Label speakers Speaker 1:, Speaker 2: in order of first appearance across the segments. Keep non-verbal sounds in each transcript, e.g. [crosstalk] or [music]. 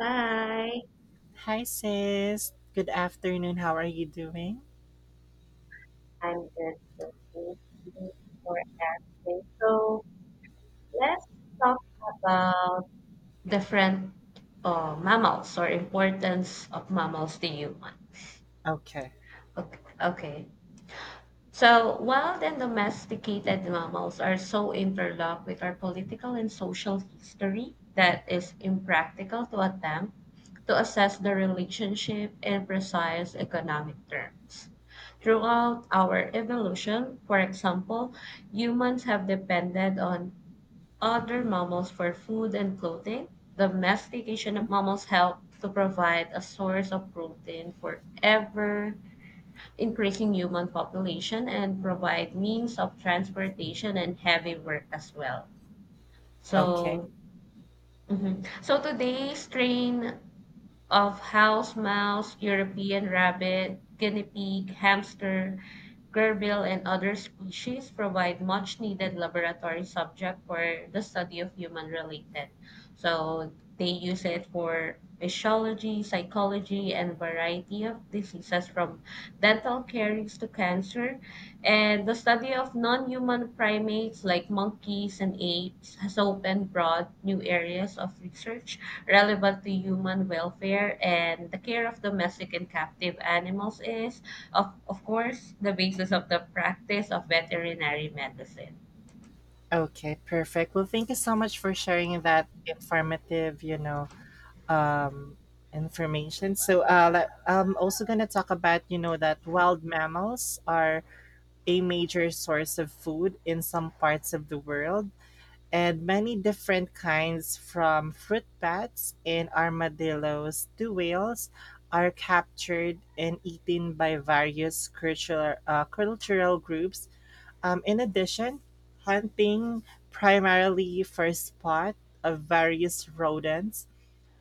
Speaker 1: Hi,
Speaker 2: Hi, sis. Good afternoon. How are you doing?
Speaker 1: I'm good. So thank you for asking. So let's talk about different mammals or importance of mammals to human.
Speaker 2: Okay.
Speaker 1: Okay. Okay. So, wild and domesticated mammals are so interlocked with our political and social history that it's impractical to attempt to assess the relationship in precise economic terms. Throughout our evolution, for example, humans have depended on other mammals for food and clothing. Domestication of mammals helped to provide a source of protein for ever increasing human population and provide means of transportation and heavy work as well.
Speaker 2: Okay.
Speaker 1: So, mhm. so today's train of house mouse, European rabbit, guinea pig, hamster, gerbil, and other species provide much needed laboratory subject for the study of human related. So they use it for physiology, psychology, and variety of diseases from dental caries to cancer. And the study of non-human primates like monkeys and apes has opened broad new areas of research relevant to human welfare, and the care of domestic and captive animals is, of course, the basis of the practice of veterinary medicine.
Speaker 2: Okay. Perfect. Well, thank you so much for sharing that informativeum, information. So, I'm also going to talk about that wild mammals are a major source of food in some parts of the world, and many different kinds, from fruit bats and armadillos to whales, are captured and eaten by various cultural groups. In addition, hunting primarily for sport of various rodents,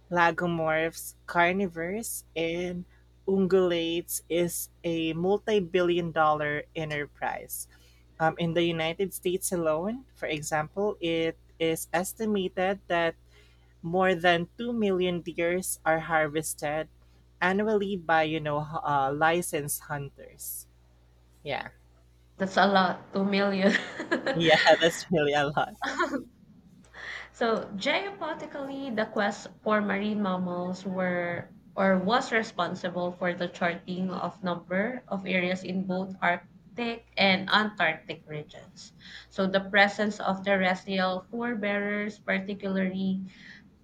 Speaker 2: lagomorphs, carnivores, and ungulates is a multi-billion dollar enterprise. In the United States alone, for example, it is estimated that more than 2 million deers are harvested annually by licensed hunters. Yeah.
Speaker 1: That's a lot, 2 million.
Speaker 2: Yeah, [laughs] that's really a lot.
Speaker 1: [laughs] So, geopolitically, the quest for marine mammals were or was responsible for the charting of number of areas in both Arctic and Antarctic regions. So the presence of terrestrial forebearers, particularly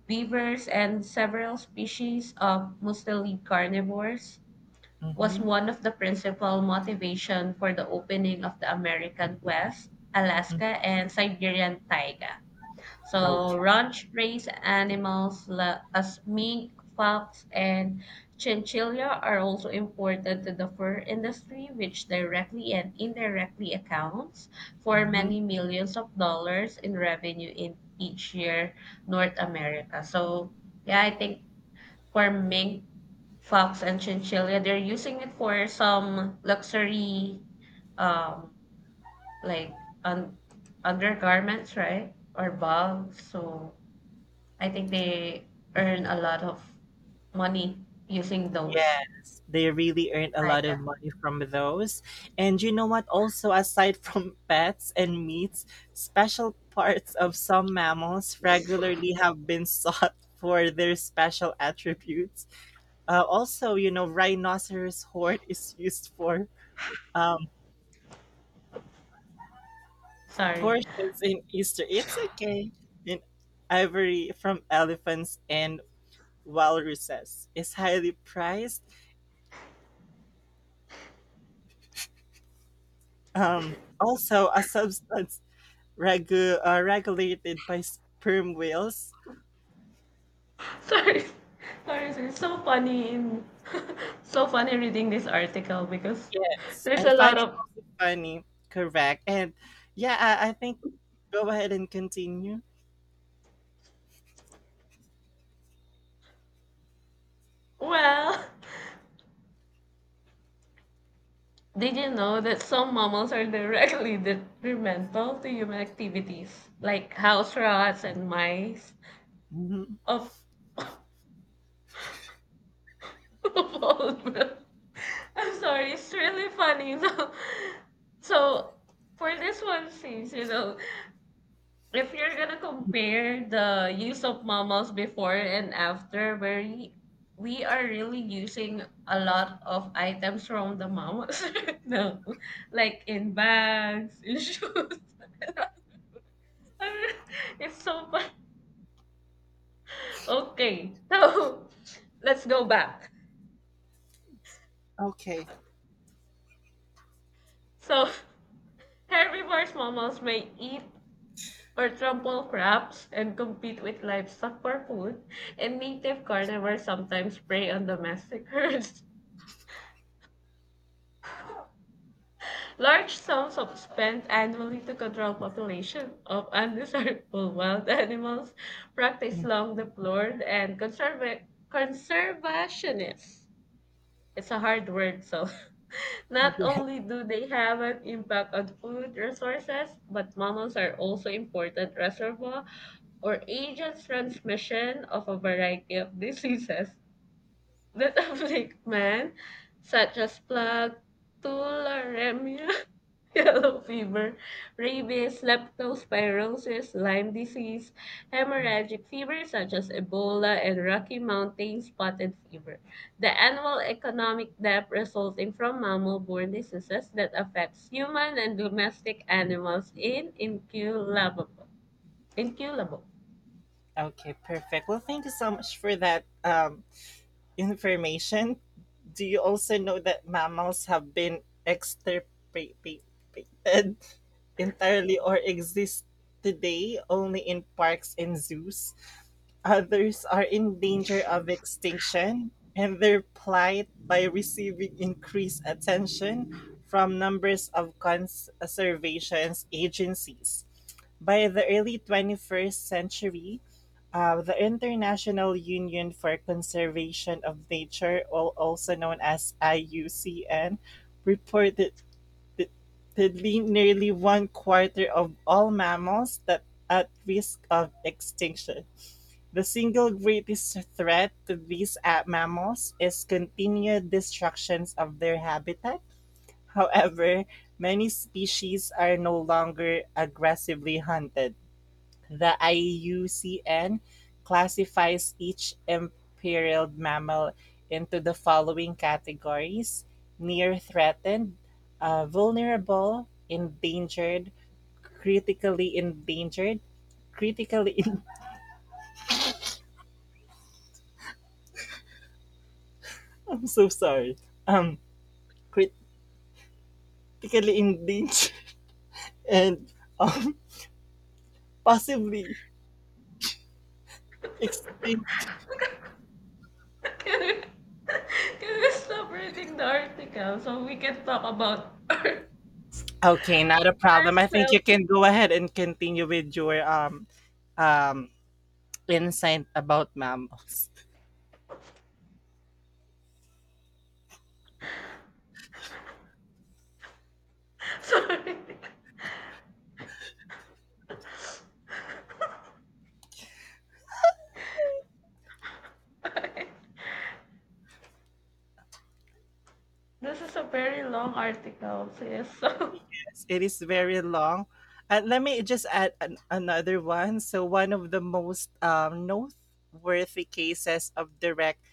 Speaker 1: beavers and several species of mostly carnivores, was
Speaker 2: Mm-hmm.
Speaker 1: one of the principal motivation for the opening of the American West, Alaska, and Siberian taiga. So
Speaker 2: Okay.
Speaker 1: ranch raised animals as mink, fox, and chinchilla are also important to the fur industry, which directly and indirectly accounts for
Speaker 2: Mm-hmm.
Speaker 1: many millions of dollars in revenue in each year North America. So yeah, I think for mink, fox, and chinchilla, they're using it for some luxury, um, like un- undergarments, right, or bags. So I think they earn a lot of money using those
Speaker 2: Yes, they really earn a lot of
Speaker 1: items.
Speaker 2: money from those. And you know what? Also, aside from [laughs] pets and meats, special parts of some mammals regularly have been [laughs] sought for their special attributes. Also, rhinoceros horn is used for um,
Speaker 1: Sorry,
Speaker 2: portions in Easter. It's okay. In ivory from elephants and walruses is highly prized. Also, a substance regulated by sperm whales.
Speaker 1: [laughs] sorry, sorry, sir. It's so funny, [laughs] so funny reading this article because
Speaker 2: Yes,
Speaker 1: there's
Speaker 2: I
Speaker 1: a
Speaker 2: find
Speaker 1: lot
Speaker 2: it
Speaker 1: of.
Speaker 2: also funny. Correct. And yeah, I think, go ahead and continue.
Speaker 1: Well, [laughs] did you know that some mammals are directly [laughs] detrimental to human activities, like house rats and mice?
Speaker 2: Mhm.
Speaker 1: Of, [laughs] of all, [laughs] I'm sorry, it's really funny. [laughs] So, for this one, since you know if you're gonna compare the use of mammals before and after, where we are really using a lot of items from the mammals, [laughs] no, like in bags, in shoes. [laughs] It's so fun. Okay, so let's go back.
Speaker 2: Okay.
Speaker 1: So herbivores mammals may eat or trample crops and compete with livestock for food, and native carnivores sometimes prey on domestic herds. Large sums of spent annually to control population of undesirable [laughs] wild animals, practice long deplored, and conservationists. It's a hard word. So [laughs] not only do they have an impact on food resources, but mammals are also important reservoir or agents transmission of a variety of diseases that African man, such as plague, tularemia, [laughs] yellow fever, rabies, leptospirosis, Lyme disease, hemorrhagic fever such as Ebola, and Rocky Mountain spotted fever. The annual economic death resulting from mammal-borne diseases that affects human and domestic animals in inculable. Inculable.
Speaker 2: Okay, perfect. Well, thank you so much for that information. Do you also know that mammals have been extirpated [laughs] entirely or exist today only in parks and zoos? Others are in danger of extinction, and their plight by receiving increased attention from numbers of conservation agencies. By the early 21st century, the International Union for Conservation of Nature, also known as IUCN, reported that nearly one quarter of all mammals that at risk of extinction. The single greatest threat to these mammals is continued destructions of their habitat; however, many species are no longer aggressively hunted. The IUCN classifies each imperiled mammal into the following categories: near threatened, vulnerable, endangered, critically [laughs] I'm so sorry. Um, crit- Critically endangered [laughs] and um, possibly extinct.
Speaker 1: Can we, [laughs] can we stop reading the article so we can talk about [laughs]
Speaker 2: Okay, not a problem. I think you
Speaker 1: ourselves?
Speaker 2: can go ahead and continue with your um insight about mammals.
Speaker 1: [laughs] Sorry. This is a very long article. So, yes, so
Speaker 2: [laughs] It is very long. And let me just add another one. So one of the most noteworthy cases of direct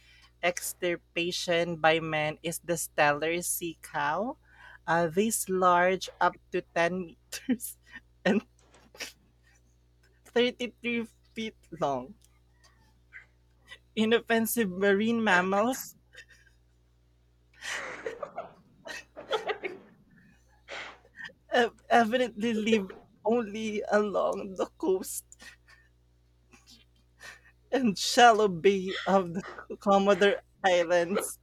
Speaker 2: extirpation by man is the stellar sea cow. This large, up to 10 meters, [laughs] and 33 feet long. Inoffensive marine mammals evidently live only along the coast and shallow bay of the Commodore Islands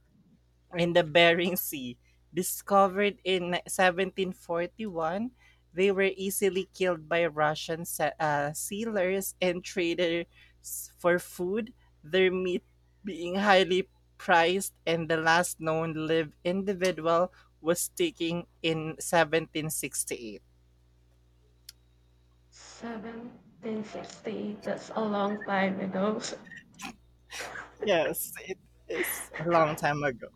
Speaker 2: in the Bering Sea. Discovered in 1741, they were easily killed by Russian sailors and traders for food, their meat being highly prized, and the last known live individual was taken in 1768.
Speaker 1: 1768, [laughs] that's a long time ago. [laughs]
Speaker 2: Yes, it is a long time ago.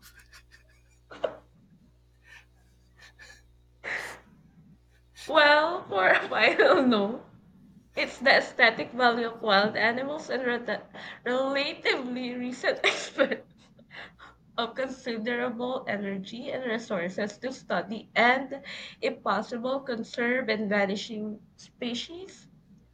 Speaker 1: Well, for a final note, [laughs] it's the aesthetic value of wild animals and relatively recent [laughs] experiment of considerable energy and resources to study and, if possible, conserve and vanishing species,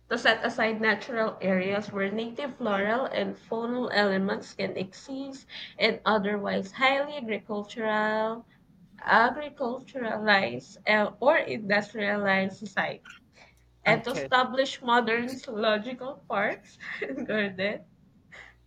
Speaker 1: to set aside natural areas where native floral and faunal elements can exist and otherwise highly agriculturalized or industrialized society, and to
Speaker 2: Okay.
Speaker 1: establish modern zoological parks [laughs] and gardens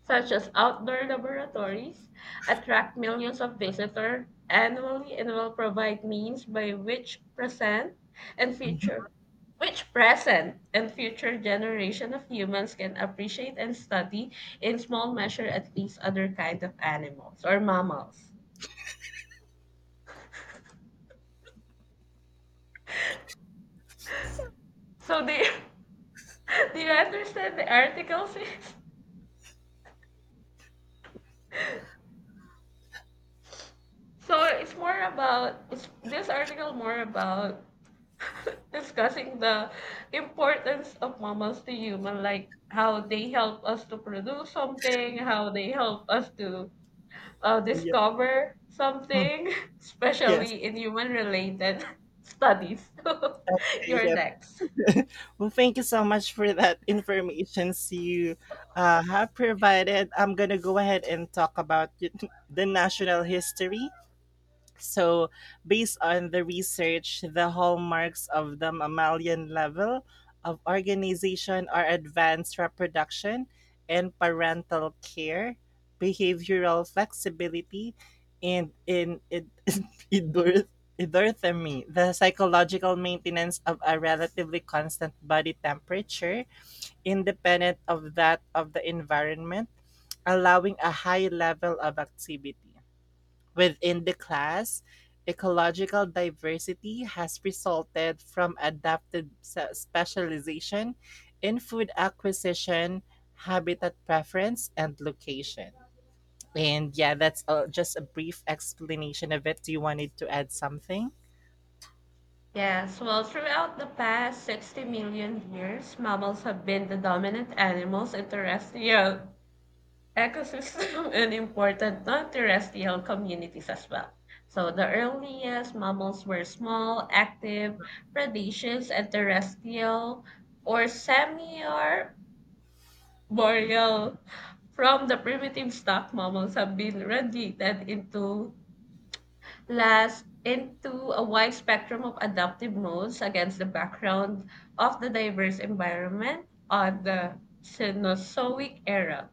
Speaker 1: such as outdoor laboratories, attract millions of visitors annually and will provide means by which and future present and future generation of humans can appreciate and study in small measure at least other kind of animals or mammals. So do you, [laughs] do you understand the article, sis? [laughs] So it's more about this article more about discussing the importance of mammals to human, like how they help us to produce something, how they help us to
Speaker 2: Yeah.
Speaker 1: discover
Speaker 2: Mm.
Speaker 1: something, [laughs]
Speaker 2: Yes.
Speaker 1: especially in human related [laughs] studies. [laughs] You're
Speaker 2: Yeah.
Speaker 1: next.
Speaker 2: [laughs] Well, thank you so much for that information you have provided. I'm going to go ahead and talk about [laughs] the national history. So, based on the research, the hallmarks of the mammalian level of organization are advanced reproduction and parental care, behavioral flexibility, and [laughs] endor- endorphemy, the psychological maintenance of a relatively constant body temperature, independent of that of the environment, allowing a high level of activity. Within the class, ecological diversity has resulted from adapted specialization in food acquisition, habitat preference, and location. And yeah, that's just a brief explanation of it. Do you wanted to add something?
Speaker 1: Yes, well, throughout the past 60 million years, mammals have been the dominant animals in terrestrial ecosystem [laughs] and important non-terrestrial communities as well. So the earliest mammals were small, active, predaceous, and terrestrial or semi-arboreal. From the primitive stock, mammals have been radiated into a wide spectrum of adaptive modes against the background of the diverse environment of the Cenozoic era.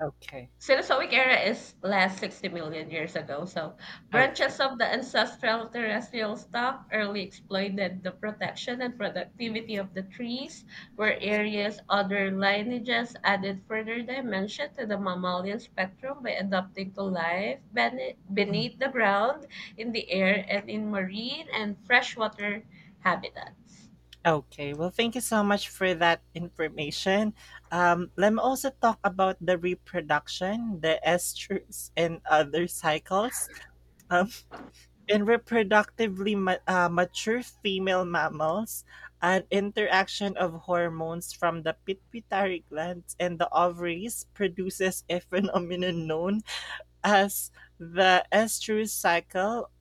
Speaker 2: Okay.
Speaker 1: Cenozoic era is last 60 million years ago, so
Speaker 2: Okay.
Speaker 1: branches of the ancestral terrestrial stock early exploited the protection and productivity of the trees, where areas other lineages added further dimension to the mammalian spectrum by adapting to life beneath the
Speaker 2: Mm.
Speaker 1: ground, in the air, and in marine and freshwater habitats.
Speaker 2: Okay. Well, thank you so much for that information. Let me also talk about the reproduction, the estrus, and other cycles. Um, In reproductively mature female mammals, an interaction of hormones from the pituitary glands and the ovaries produces a phenomenon known as the estrous cycle,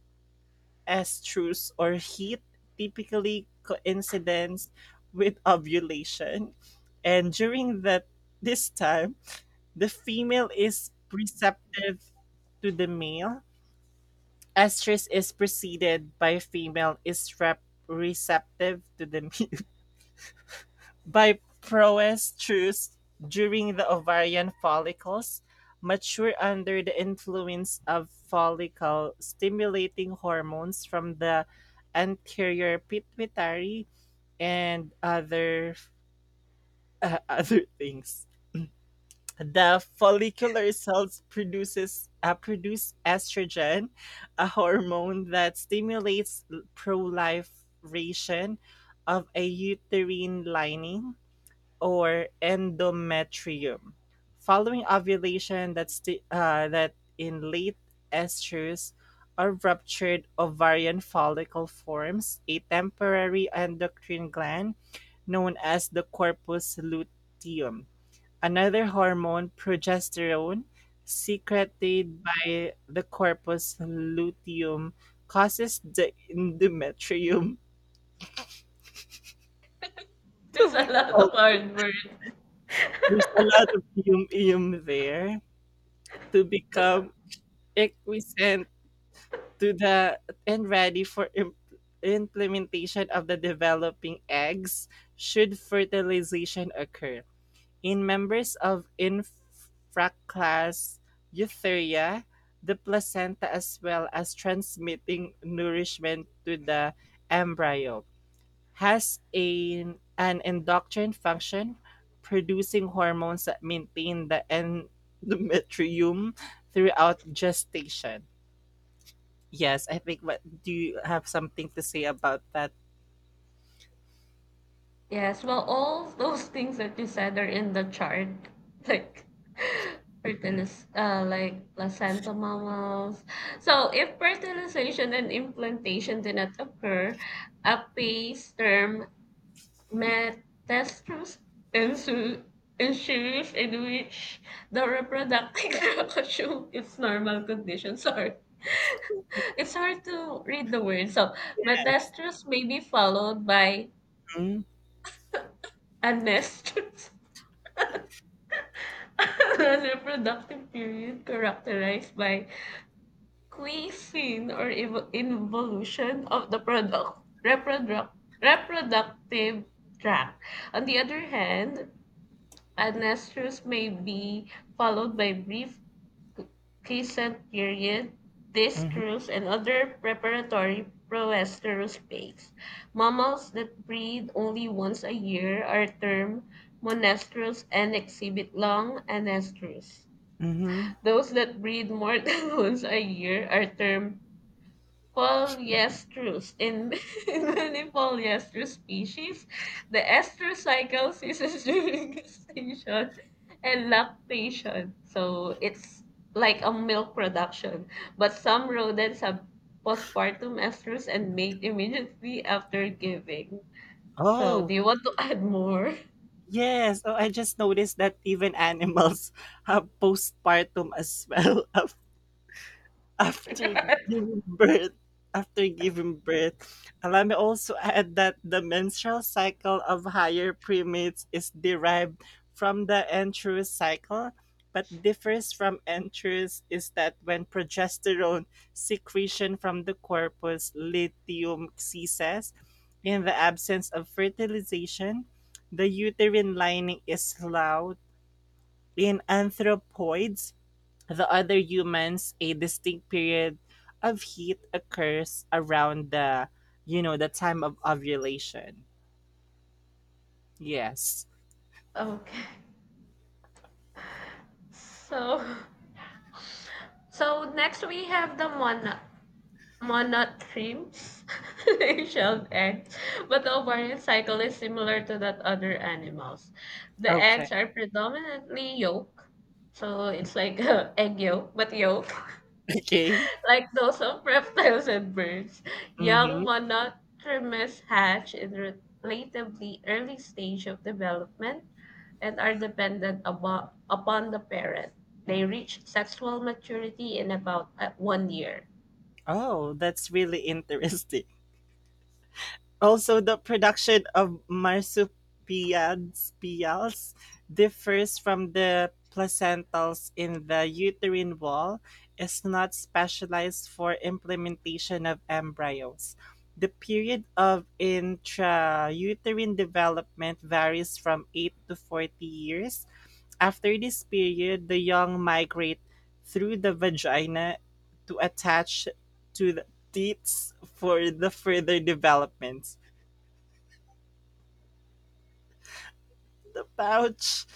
Speaker 2: estrus or heat, typically coincides with ovulation. And during that this time, the female is receptive to the male estrus is preceded by female is receptive to the [laughs] by proestrus during the ovarian follicles mature under the influence of follicle stimulating hormones from the anterior pituitary and other [laughs] other things. The follicular cells produce estrogen, a hormone that stimulates proliferation of a uterine lining or endometrium. Following ovulation, that in late estrus or ruptured ovarian follicle forms a temporary endocrine gland known as the corpus luteum. Another hormone, progesterone, secreted by the corpus luteum, causes the endometrium
Speaker 1: [laughs]
Speaker 2: to
Speaker 1: There's a lot
Speaker 2: become,
Speaker 1: of hard work. [laughs]
Speaker 2: there's a lot of yum yum there, to become equiescent to the, and ready for implementation of the developing eggs should fertilization occur. In members of infraclass Eutheria, the placenta, as well as transmitting nourishment to the embryo, has an endocrine function producing hormones that maintain the endometrium throughout gestation. Yes, I think, what do you have, something to say about that?
Speaker 1: Yes, well, all those things that you said are in the chart, [laughs] like fertilis like placenta mammals. So, if fertilization and implantation did not occur, a phase term metastasis ensu- ensues in which the reproductive [laughs] assume its normal condition. Sorry, it's hard to read the word. So, metastasis may be followed by
Speaker 2: Mm-hmm.
Speaker 1: a nest. [laughs] [laughs] A reproductive period characterized by quiescence or involution of the reproductive tract. On the other hand, anestrus may be followed by brief quiescent period, distrus, and other preparatory proestrous phase. Mammals that breed only once a year are termed monestrous and exhibit long anestrus.
Speaker 2: Mm-hmm.
Speaker 1: Those that breed more [laughs] than once a year are termed polyestrous. In, [laughs] in many polyestrous species, the ester cycle ceases [laughs] during gestation and lactation. So it's like a milk production. But some rodents have postpartum estrus and mate immediately after giving. So
Speaker 2: Oh.
Speaker 1: do you want to add more? [laughs]
Speaker 2: Yes, so I just noticed that even animals [laughs] have postpartum as well [laughs] after giving birth, after giving birth, allow me also add that the menstrual cycle of higher primates is derived from the androus cycle but differs from androus is that when progesterone secretion from the corpus luteum ceases in the absence of fertilization the uterine lining is loud in anthropoids, the other humans, a distinct period of heat occurs around the time of ovulation. Yes.
Speaker 1: Okay. So so next we have the mono monad themes, [laughs] shelled eggs, but the ovarian cycle is similar to that other animals. The
Speaker 2: Okay.
Speaker 1: eggs
Speaker 2: [laughs]
Speaker 1: are predominantly yolk, so it's like [laughs] egg yolk, but yolk,
Speaker 2: Okay.
Speaker 1: [laughs] like those of reptiles and birds.
Speaker 2: Mm-hmm.
Speaker 1: Young monotremes hatch in relatively early stage of development and are dependent upon the parent. They reach sexual maturity in about one year.
Speaker 2: Oh, that's really [laughs] interesting. Also, the production of marsupials differs from the placentals in the uterine wall is not specialized for implementation of embryos. The period of intrauterine development varies from 8 to 40 years. After this period, the young migrate through the vagina to attach to the teats for the further development. The pouch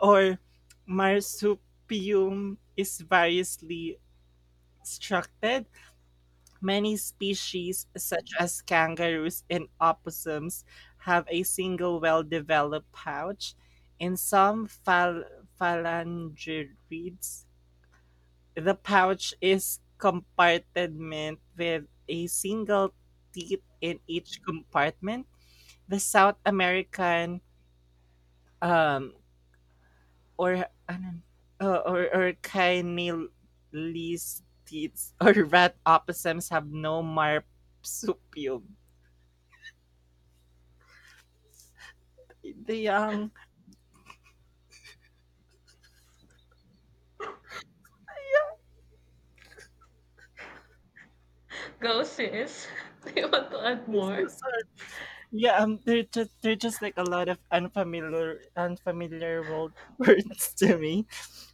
Speaker 2: or marsupium is variously structured. Many species, such as kangaroos and opossums, have a single well developed pouch. In some phalangerids, the pouch is compartment with a single teeth in each compartment. The South American um, or ano, or Caenylistids or rat opossums have no marsupium. The young,
Speaker 1: Go, sis. [laughs] Do you want to add
Speaker 2: this
Speaker 1: more?
Speaker 2: is our- yeah, they're just like a lot of unfamiliar world [laughs] words to me.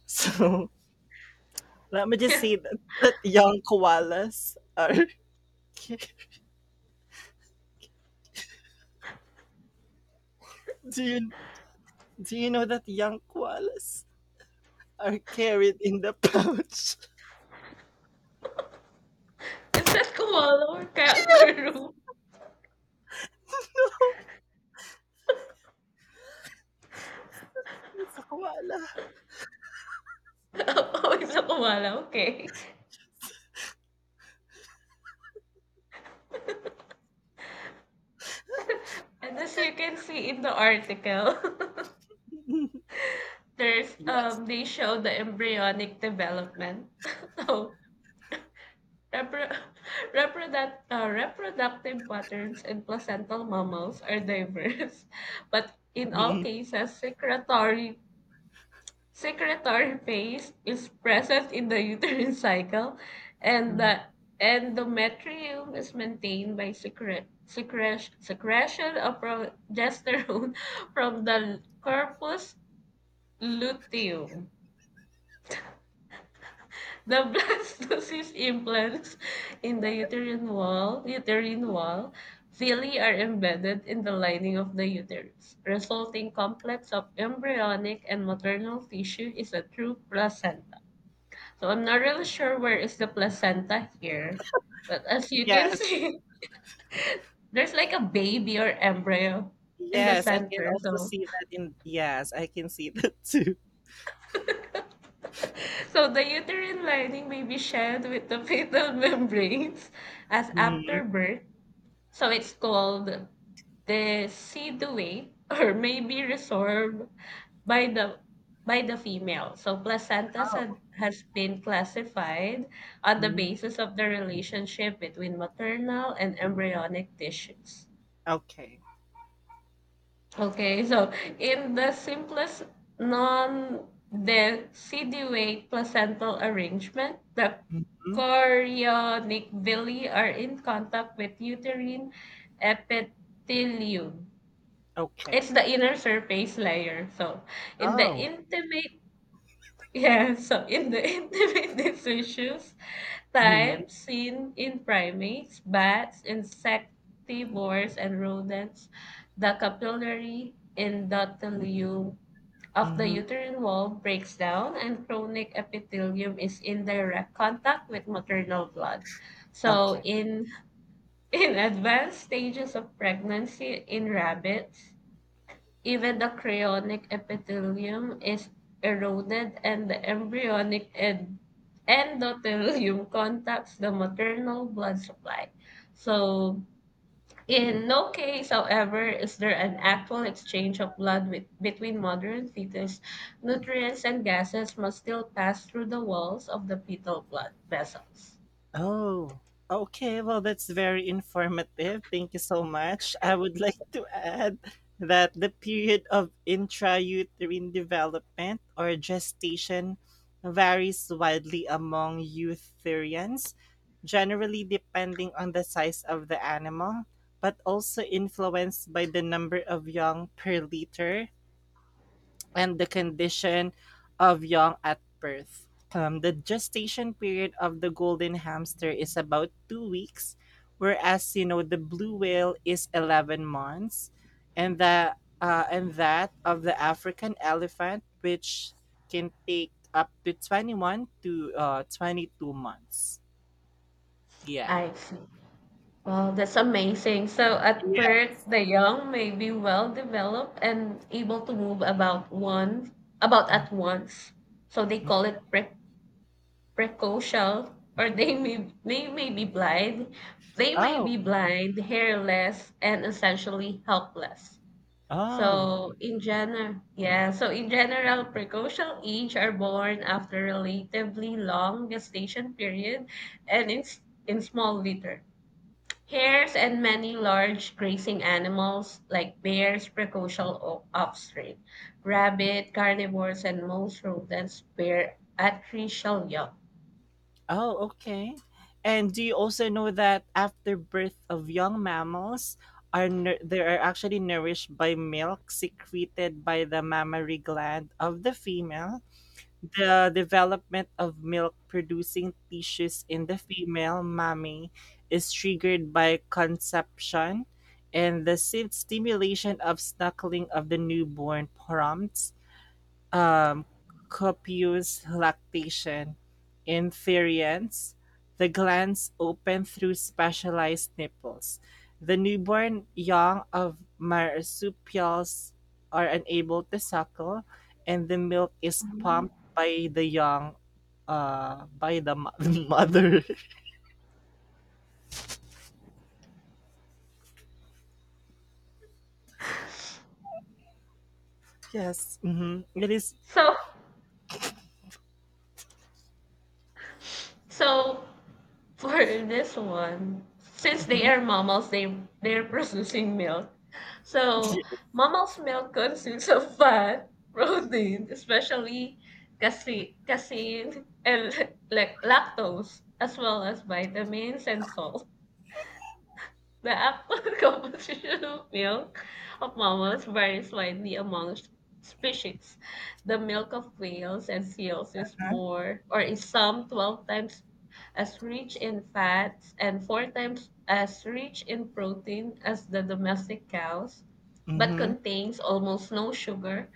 Speaker 2: So let me
Speaker 1: [laughs]
Speaker 2: just
Speaker 1: Yeah,
Speaker 2: say that young koalas ca- [laughs] do you do you know that young koalas are carried in the pouch?
Speaker 1: is that koala or kangaroo?
Speaker 2: [laughs] It's a koala.
Speaker 1: [laughs] Oh, it's a koala. Okay. And as you can see in the article, [laughs]
Speaker 2: [laughs]
Speaker 1: there's
Speaker 2: Yes.
Speaker 1: they show the embryonic development. [laughs] So repro- [laughs] reproductive patterns in placental mammals are diverse, [laughs] but in all
Speaker 2: Mhm,
Speaker 1: cases, secretory. Secretory phase is present in the [laughs] uterine cycle, and the
Speaker 2: mhm.
Speaker 1: endometrium is maintained by secretion of progesterone [laughs] from the corpus luteum. The [laughs] blastocyst implants in the uterine wall, villi are embedded in the lining of the uterus. Resulting complex of embryonic and maternal tissue is a true placenta. So I'm not really sure where is the placenta here, but as you can [laughs]
Speaker 2: Yes,
Speaker 1: see, there's like a baby or embryo in the
Speaker 2: yes, I can
Speaker 1: center.
Speaker 2: also
Speaker 1: So,
Speaker 2: see that in yes, I can see [laughs] that too.
Speaker 1: so the uterine lining may be shed with the fetal [laughs] membranes as after
Speaker 2: Mhm.
Speaker 1: birth. So it's called the seedway, [laughs] or may be resorbed by the by the female. So placentas
Speaker 2: Oh,
Speaker 1: has been classified on the
Speaker 2: mhm.
Speaker 1: basis of the relationship between maternal and embryonic tissues.
Speaker 2: Okay.
Speaker 1: Okay, so in the simplest non-deciduate placental arrangement, the
Speaker 2: Mhm.
Speaker 1: chorionic villi are in contact with uterine epithelium.
Speaker 2: Okay.
Speaker 1: It's the inner surface layer. So in the
Speaker 2: Oh.
Speaker 1: intimate [laughs] yeah, so in the [laughs] intimate issues,
Speaker 2: Mhm,
Speaker 1: types seen in primates, bats, insectivores, and rodents, the capillary endothelium of the
Speaker 2: mhm.
Speaker 1: uterine wall breaks down, and chronic epithelium is in direct contact with maternal blood. So,
Speaker 2: Okay.
Speaker 1: in [laughs] in advanced stages of pregnancy in rabbits, even the chorionic epithelium is eroded and the embryonic endothelium contacts the maternal blood supply. So, in no case, however, is there an actual exchange of blood between mother and fetus. Nutrients and gases must still pass through the walls of the fetal blood vessels.
Speaker 2: Oh, okay. Well, that's very informative. Thank you so much. I would [laughs] like to add that the period of intrauterine development or gestation varies widely among eutherians, generally depending on the size of the animal, but also influenced by the number of young per liter and the condition of young at birth. The gestation period of the golden hamster is about 2 weeks, whereas you know the blue whale is 11 months, and the and that of the African elephant, which can take up to 21 to 22 months. Yeah.
Speaker 1: I see. Wow, that's amazing. So at
Speaker 2: Yeah.
Speaker 1: birth, the young may be well developed and able to move about one about
Speaker 2: Mm.
Speaker 1: at once. So they call it precocial, or they may be blind. They may
Speaker 2: Oh.
Speaker 1: be blind, hairless, and essentially helpless.
Speaker 2: Oh.
Speaker 1: So in general, yeah. So in general, precocial age are born after relatively long gestation period, and in small litter. Hares and many large grazing animals like bears, precocial offspring, rabbit, carnivores, and most rodents bear artificial young.
Speaker 2: Oh, okay. And do you also know that after birth of young mammals are they are actually nourished by milk secreted by the mammary gland of the female. The development of milk producing tissues in the female mammy is triggered by conception and the stimulation of snuggling of the newborn prompts um, copious lactation. In therians, the glands open through specialized nipples. The newborn young of marsupials are unable to suckle, and the milk is
Speaker 1: Mhm.
Speaker 2: pumped by the young, uh, by the mo- [laughs] mother. Yes, mm-hmm.
Speaker 1: So, so, for this one, since
Speaker 2: Mhm.
Speaker 1: they are mammals, they're producing milk. So
Speaker 2: [laughs]
Speaker 1: mammals' milk consists of fat, protein, especially casein, and [laughs] like lactose, as well as vitamins and salt. The actual [laughs] composition of milk of mammals varies widely among species. The milk of whales and seals is more, or is some 12 times as rich in fats and four times as rich in protein as the domestic cows, but
Speaker 2: Mhm.
Speaker 1: contains almost no sugar.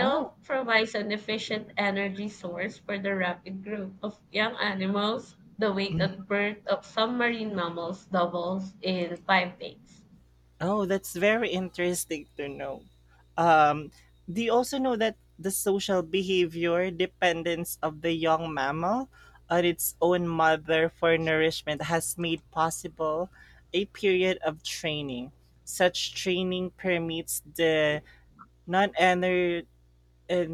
Speaker 2: Oh.
Speaker 1: provides an efficient energy source for the rapid growth of young animals. The weight at birth of some marine mammals doubles in 5 days.
Speaker 2: Oh, that's very interesting to know. Um, do you also know that the social behavior dependence of the young mammal on its own mother for nourishment has made possible a period of training? Such training permits the non-ener- uh,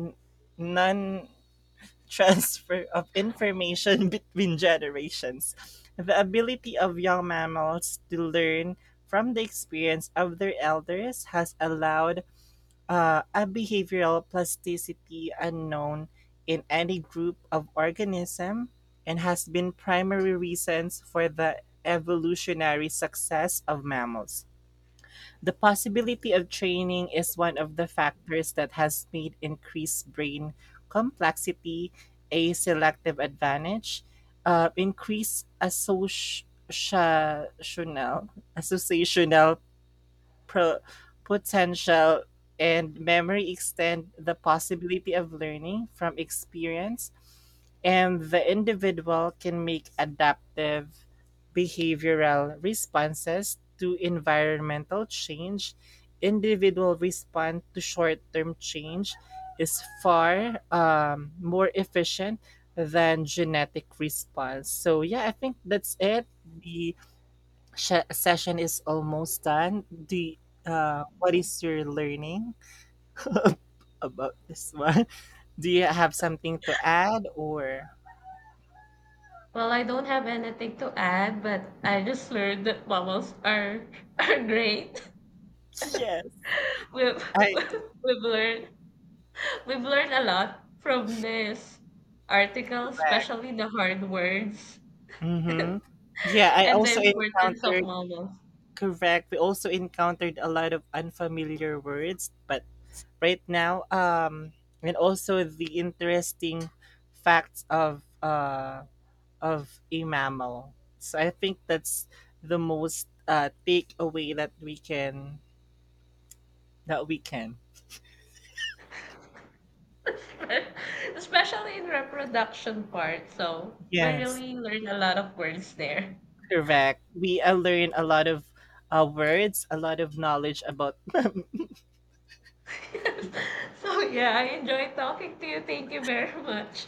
Speaker 2: non transfer of information [laughs] between generations. The ability of young mammals to learn from the experience of their elders has allowed a behavioral plasticity unknown in any group of organism and has been primary reasons for the evolutionary success of mammals. The possibility of training is one of the factors that has made increased brain complexity a selective advantage. Increased associational, associational pro- potential and memory extend the possibility of learning from experience, and the individual can make adaptive behavioral responses to environmental change. Individual response to short term change is far more efficient than genetic response. So, yeah, I think that's it. The session is almost done. What is your learning [laughs] about this one? [laughs] Do you have something to add or?
Speaker 1: Well, I don't have anything to add, but I just learned that mammals are [laughs] are great.
Speaker 2: Yes,
Speaker 1: [laughs] We've
Speaker 2: I.
Speaker 1: [laughs] we've learned we've learned a lot from this article,
Speaker 2: Correct.
Speaker 1: especially the hard words
Speaker 2: Mm-hmm. Yeah,
Speaker 1: [laughs]
Speaker 2: I
Speaker 1: and the
Speaker 2: also
Speaker 1: importance of
Speaker 2: encountered.
Speaker 1: mammals.
Speaker 2: Correct. We also encountered a lot of unfamiliar words, but right now, and also the interesting facts of a mammal. So I think that's the most takeaway that we can that we can.
Speaker 1: [laughs] Especially in reproduction part. So we
Speaker 2: Yes,
Speaker 1: really learned a lot of words there.
Speaker 2: correct. We learn a lot of words, a lot of knowledge about
Speaker 1: [laughs] So yeah, I enjoyed talking to you. Thank you very much.